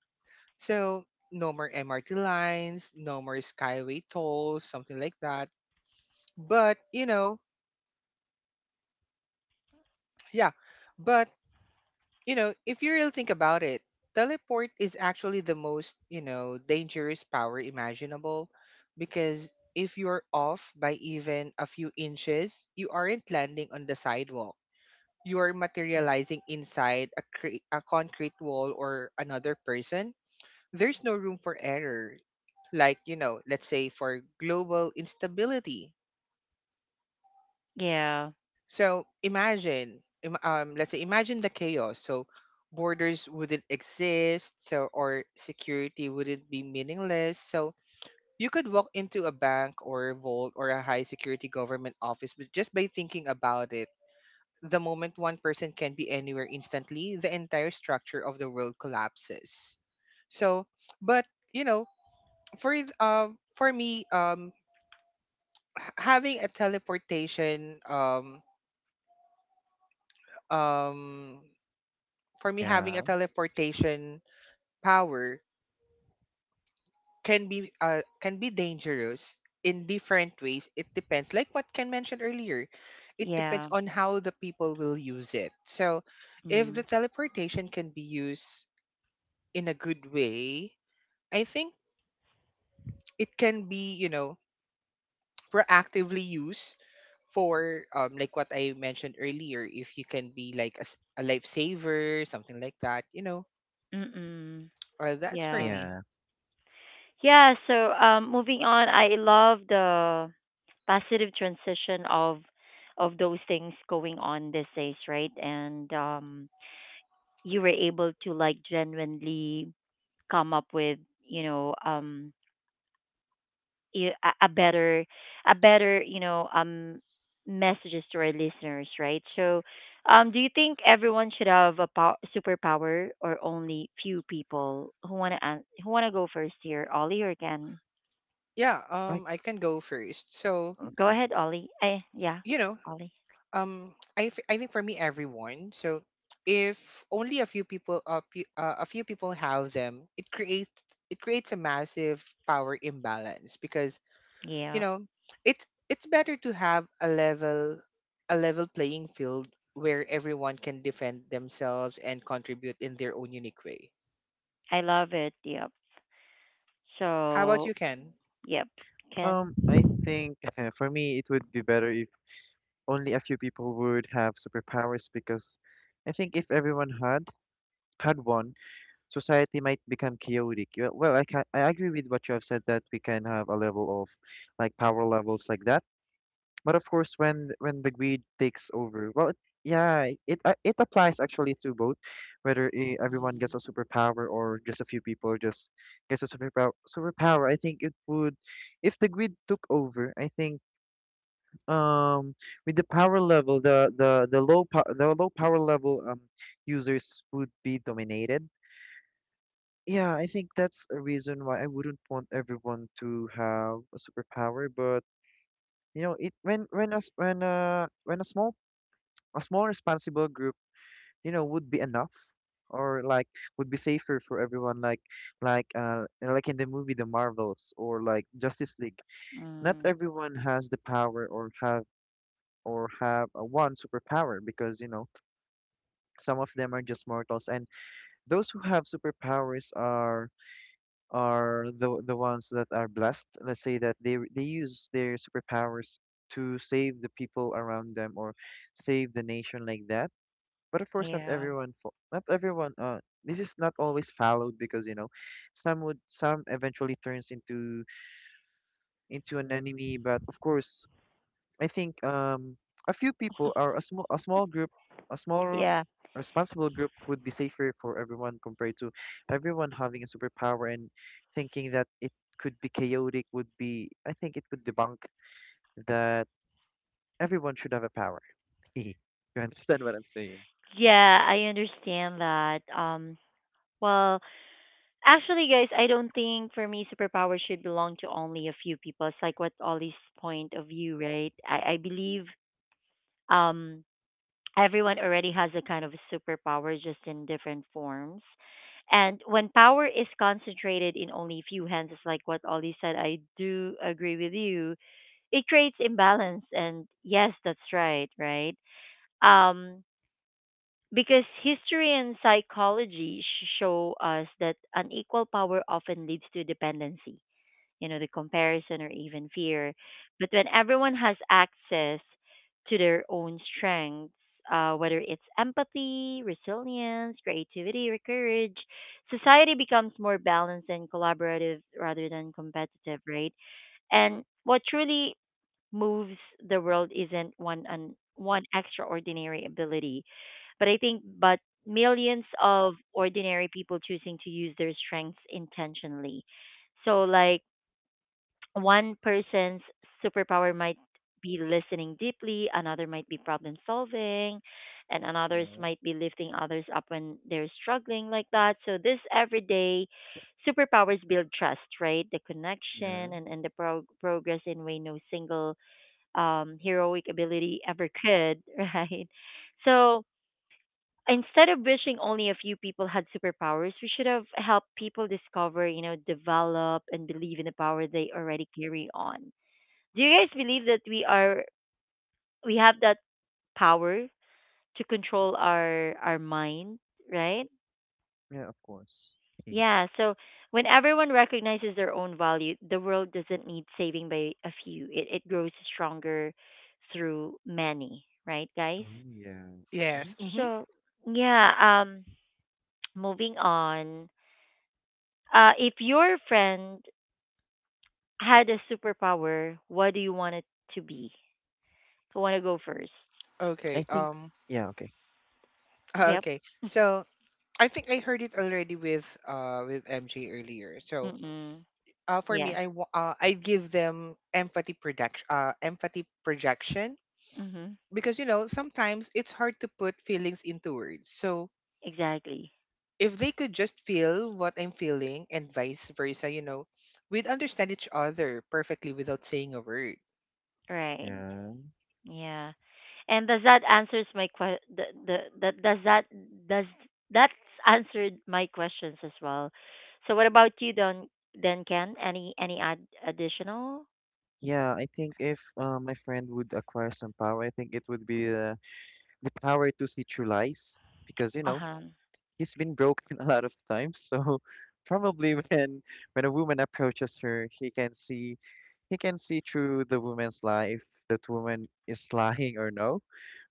S2: So no more MRT lines, no more skyway tolls, something like that. But, you know, yeah. But, you know, if you really think about it, teleport is actually the most, you know, dangerous power imaginable because if you're off by even a few inches, you aren't landing on the sidewalk. You are
S1: Mm.
S2: materializing inside a a concrete wall or another person. There's no room for error. Like, you know, let's say for global instability.
S1: Yeah,
S2: So imagine let's say imagine the chaos. So borders wouldn't exist so, or security wouldn't be meaningless. So you could walk into a bank or a vault or a high security government office but just by thinking about it. The moment one person can be anywhere instantly, the entire structure of the world collapses. So, but you know, for th- for me h- having a teleportation um for me, having a
S3: Yeah.
S2: teleportation power can be dangerous in different ways. It depends, like what Ken mentioned earlier, it depends
S1: yeah,
S2: on how the people will use it. So if the
S1: mm,
S2: teleportation can be used in a good way, I think it can be, you know, proactively used for, like what I mentioned earlier, if you can be like a lifesaver, something like that, you know,
S1: mm,
S2: that's for
S1: yeah,
S2: me.
S3: Yeah.
S1: yeah. So, moving on, I love the positive transition of those things going on these days, right? And you were able to like genuinely come up with, you know, a a better, you know, messages to our listeners, right? So um, do you think everyone should have a superpower or only few people? Who want to who want to go first here, Ollie or Ken?
S2: Yeah,
S3: I.
S2: I can go first. So
S1: Go
S3: Okay.
S1: ahead, Ollie. I, yeah.
S2: you know,
S1: Ollie.
S2: I think for me everyone. So if only a few people pe- a few people have them, it creates, a massive power imbalance because, you
S1: Yeah,
S2: know, it's, better to have a level playing field where everyone can defend themselves and contribute in their own unique way.
S1: I love it. Yep.
S2: How about
S1: So
S2: you, Ken?
S1: yep, Ken.
S3: I think for me it would be better if only a few people would have superpowers, because I think if everyone had one, society might become chaotic. Yeah. Well, I can I agree with what you have said that we can have a level of like power levels like that. But of course, when the greed takes over, well, it, yeah, it applies actually to both, whether everyone gets a superpower or just a few people just gets a superpower. Superpower, I think it would, if the greed took over, I think um with the power level, the the low power level users would be dominated. Yeah, I think that's a reason why I wouldn't want everyone to have a superpower. But you know, it when when a small responsible group, you know, would be enough, or like would be safer for everyone, like in the movie The Marvels, or like Justice League.
S1: Mm,
S3: Not
S1: mm,
S3: everyone has the power, or have a one superpower, because you know some of them are just mortals, and those who have superpowers are the ones that are blessed. Let's say that they use their superpowers to save the people around them, or save the nation like that. But of course, not
S1: yeah,
S3: everyone. Not everyone. This is not always followed, because you know, some would some eventually turns into an enemy. But of course, I think a few people or a small group, a small
S1: yeah,
S3: responsible group would be safer for everyone, compared to everyone having a superpower. And thinking that it could be chaotic would be I think it would debunk that everyone should have a power. You understand what I'm saying?
S1: yeah. I understand that. Well, actually, guys, I don't think for me superpower should belong to only a few people. It's like what Ollie's point of view, right? I believe um everyone already has a kind of a superpower, just in different forms. And when power is concentrated in only a few hands, it's like what Ollie said, I do agree with you. It creates imbalance, and yes, that's right, right? Um because history and psychology show us that unequal power often leads to dependency, you know, the comparison or even fear. But when everyone has access to their own strengths, whether it's empathy, resilience, creativity, or courage, society becomes more balanced and collaborative rather than competitive, right? And what truly moves the world isn't one extraordinary ability, but I think, but millions of ordinary people choosing to use their strengths intentionally. So like one person's superpower might be listening deeply, another might be problem solving, and another's
S3: Yeah,
S1: might be lifting others up when they're struggling, like that. So this everyday superpowers build trust, right? The
S3: yeah.
S1: connection, and the progress in way no single heroic ability ever could, right? So instead of wishing only a few people had superpowers, we should have helped people discover, you know, develop and believe in the power they already carry on. Do you guys believe that we have that power to control our mind, right?
S3: Yeah, of course.
S1: Yeah, so when everyone recognizes their own value, the world doesn't need saving by a few. It grows stronger through many, right, guys?
S3: Oh yeah. Hmm.
S2: Yes. Hmm.
S3: Okay.
S1: So, yeah, um, moving on. Uh, if your friend had a superpower, what do you want it to be? Who want to go first?
S3: I
S2: Okay.
S3: think yeah, okay.
S1: Yep.
S2: Okay, so I think I heard it already with MJ earlier. So
S1: Mm-mm.
S2: for
S1: Yeah.
S2: me, I give them empathy projection,
S1: Mm-hmm.
S2: because you know, sometimes it's hard to put feelings into words. So
S1: Exactly.
S2: if they could just feel what I'm feeling and vice versa, you know, we'd understand each other perfectly without saying a word.
S1: Right.
S3: Yeah.
S1: Yeah. And does that answers my que- the that, does that does that's answered my questions as well. So what about you, Don, then Ken? Any additional?
S3: Yeah, I think if my friend would acquire some power, I think it would be the power to see through lies, because you know
S1: Uh-huh.
S3: he's been broken a lot of times. So probably when a woman approaches her, he can see through the woman's life, that woman is lying or no,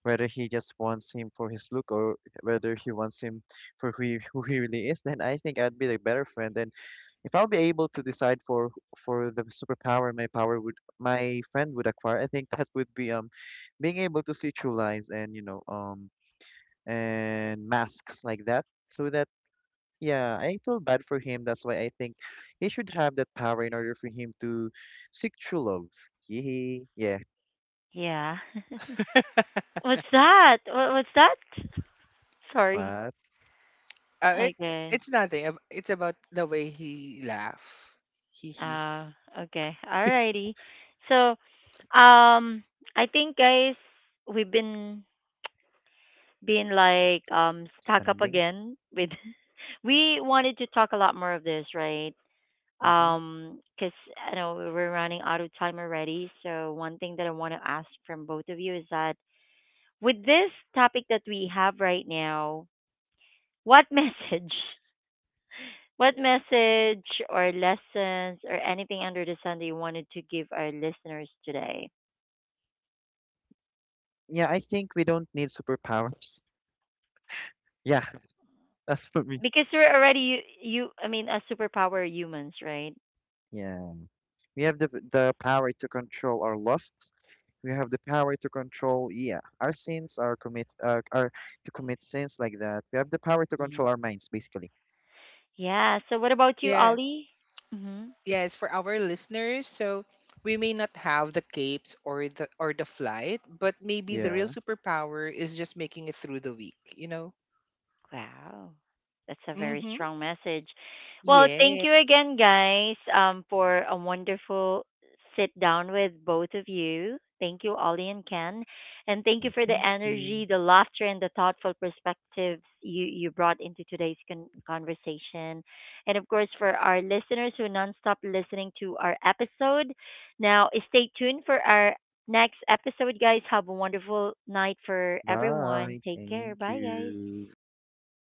S3: whether he just wants him for his look, or whether he wants him for who he really is. Then I think I'd be the better friend. And if I'll be able to decide for the superpower my power would my friend would acquire, I think that would be being able to see through lies and you know and masks like that, so that yeah I feel bad for him. That's why I think he should have that power in order for him to seek true love. Yee. Yeah.
S1: Yeah. What's that? What's that? Sorry.
S3: What.
S2: Uh, it
S1: Okay.
S2: it's nothing. It's about the way he laugh. Hee hee.
S1: Uh, okay. Alrighty. So um, I think, guys, we've been being like stuck up
S3: Standing.
S1: again with we wanted to talk a lot more of this, right?
S3: Mm-hmm.
S1: Because I know we're running out of time already. So one thing that I want to ask from both of you is that with this topic that we have right now, what message, what message or lessons or anything under the sun that you wanted to give our listeners today?
S3: Yeah, I think we don't need superpowers. Yeah. That's for me.
S1: Because we're already, you, I mean, a superpower humans, right?
S3: Yeah, we have the power to control our lusts. We have the power to control yeah our sins, our commit our to commit sins like that. We have the power to control
S1: Mhm.
S3: our minds basically.
S1: Yeah. So what about you,
S2: Yeah.
S1: Ollie? Mm-hmm.
S2: Yes, for our listeners, so we may not have the capes or the flight, but maybe the real
S3: Yeah,
S2: superpower is just making it through the week, you know?
S1: Wow. That's a very
S2: Mm-hmm.
S1: strong message. Well, thank
S2: Yeah.
S1: you again, guys, for a wonderful sit down with both of you. Thank you, Ollie and Ken. And thank
S3: yeah,
S1: you for the
S3: thank you.
S1: energy, the laughter, and the thoughtful perspectives you brought into today's conversation. And of course, for our listeners who nonstop listening to our episode, now stay tuned for our next episode, guys. Have a wonderful night for everyone.
S3: Bye.
S1: Take care.
S3: Thank
S1: Bye, guys.
S3: you.
S2: Bye.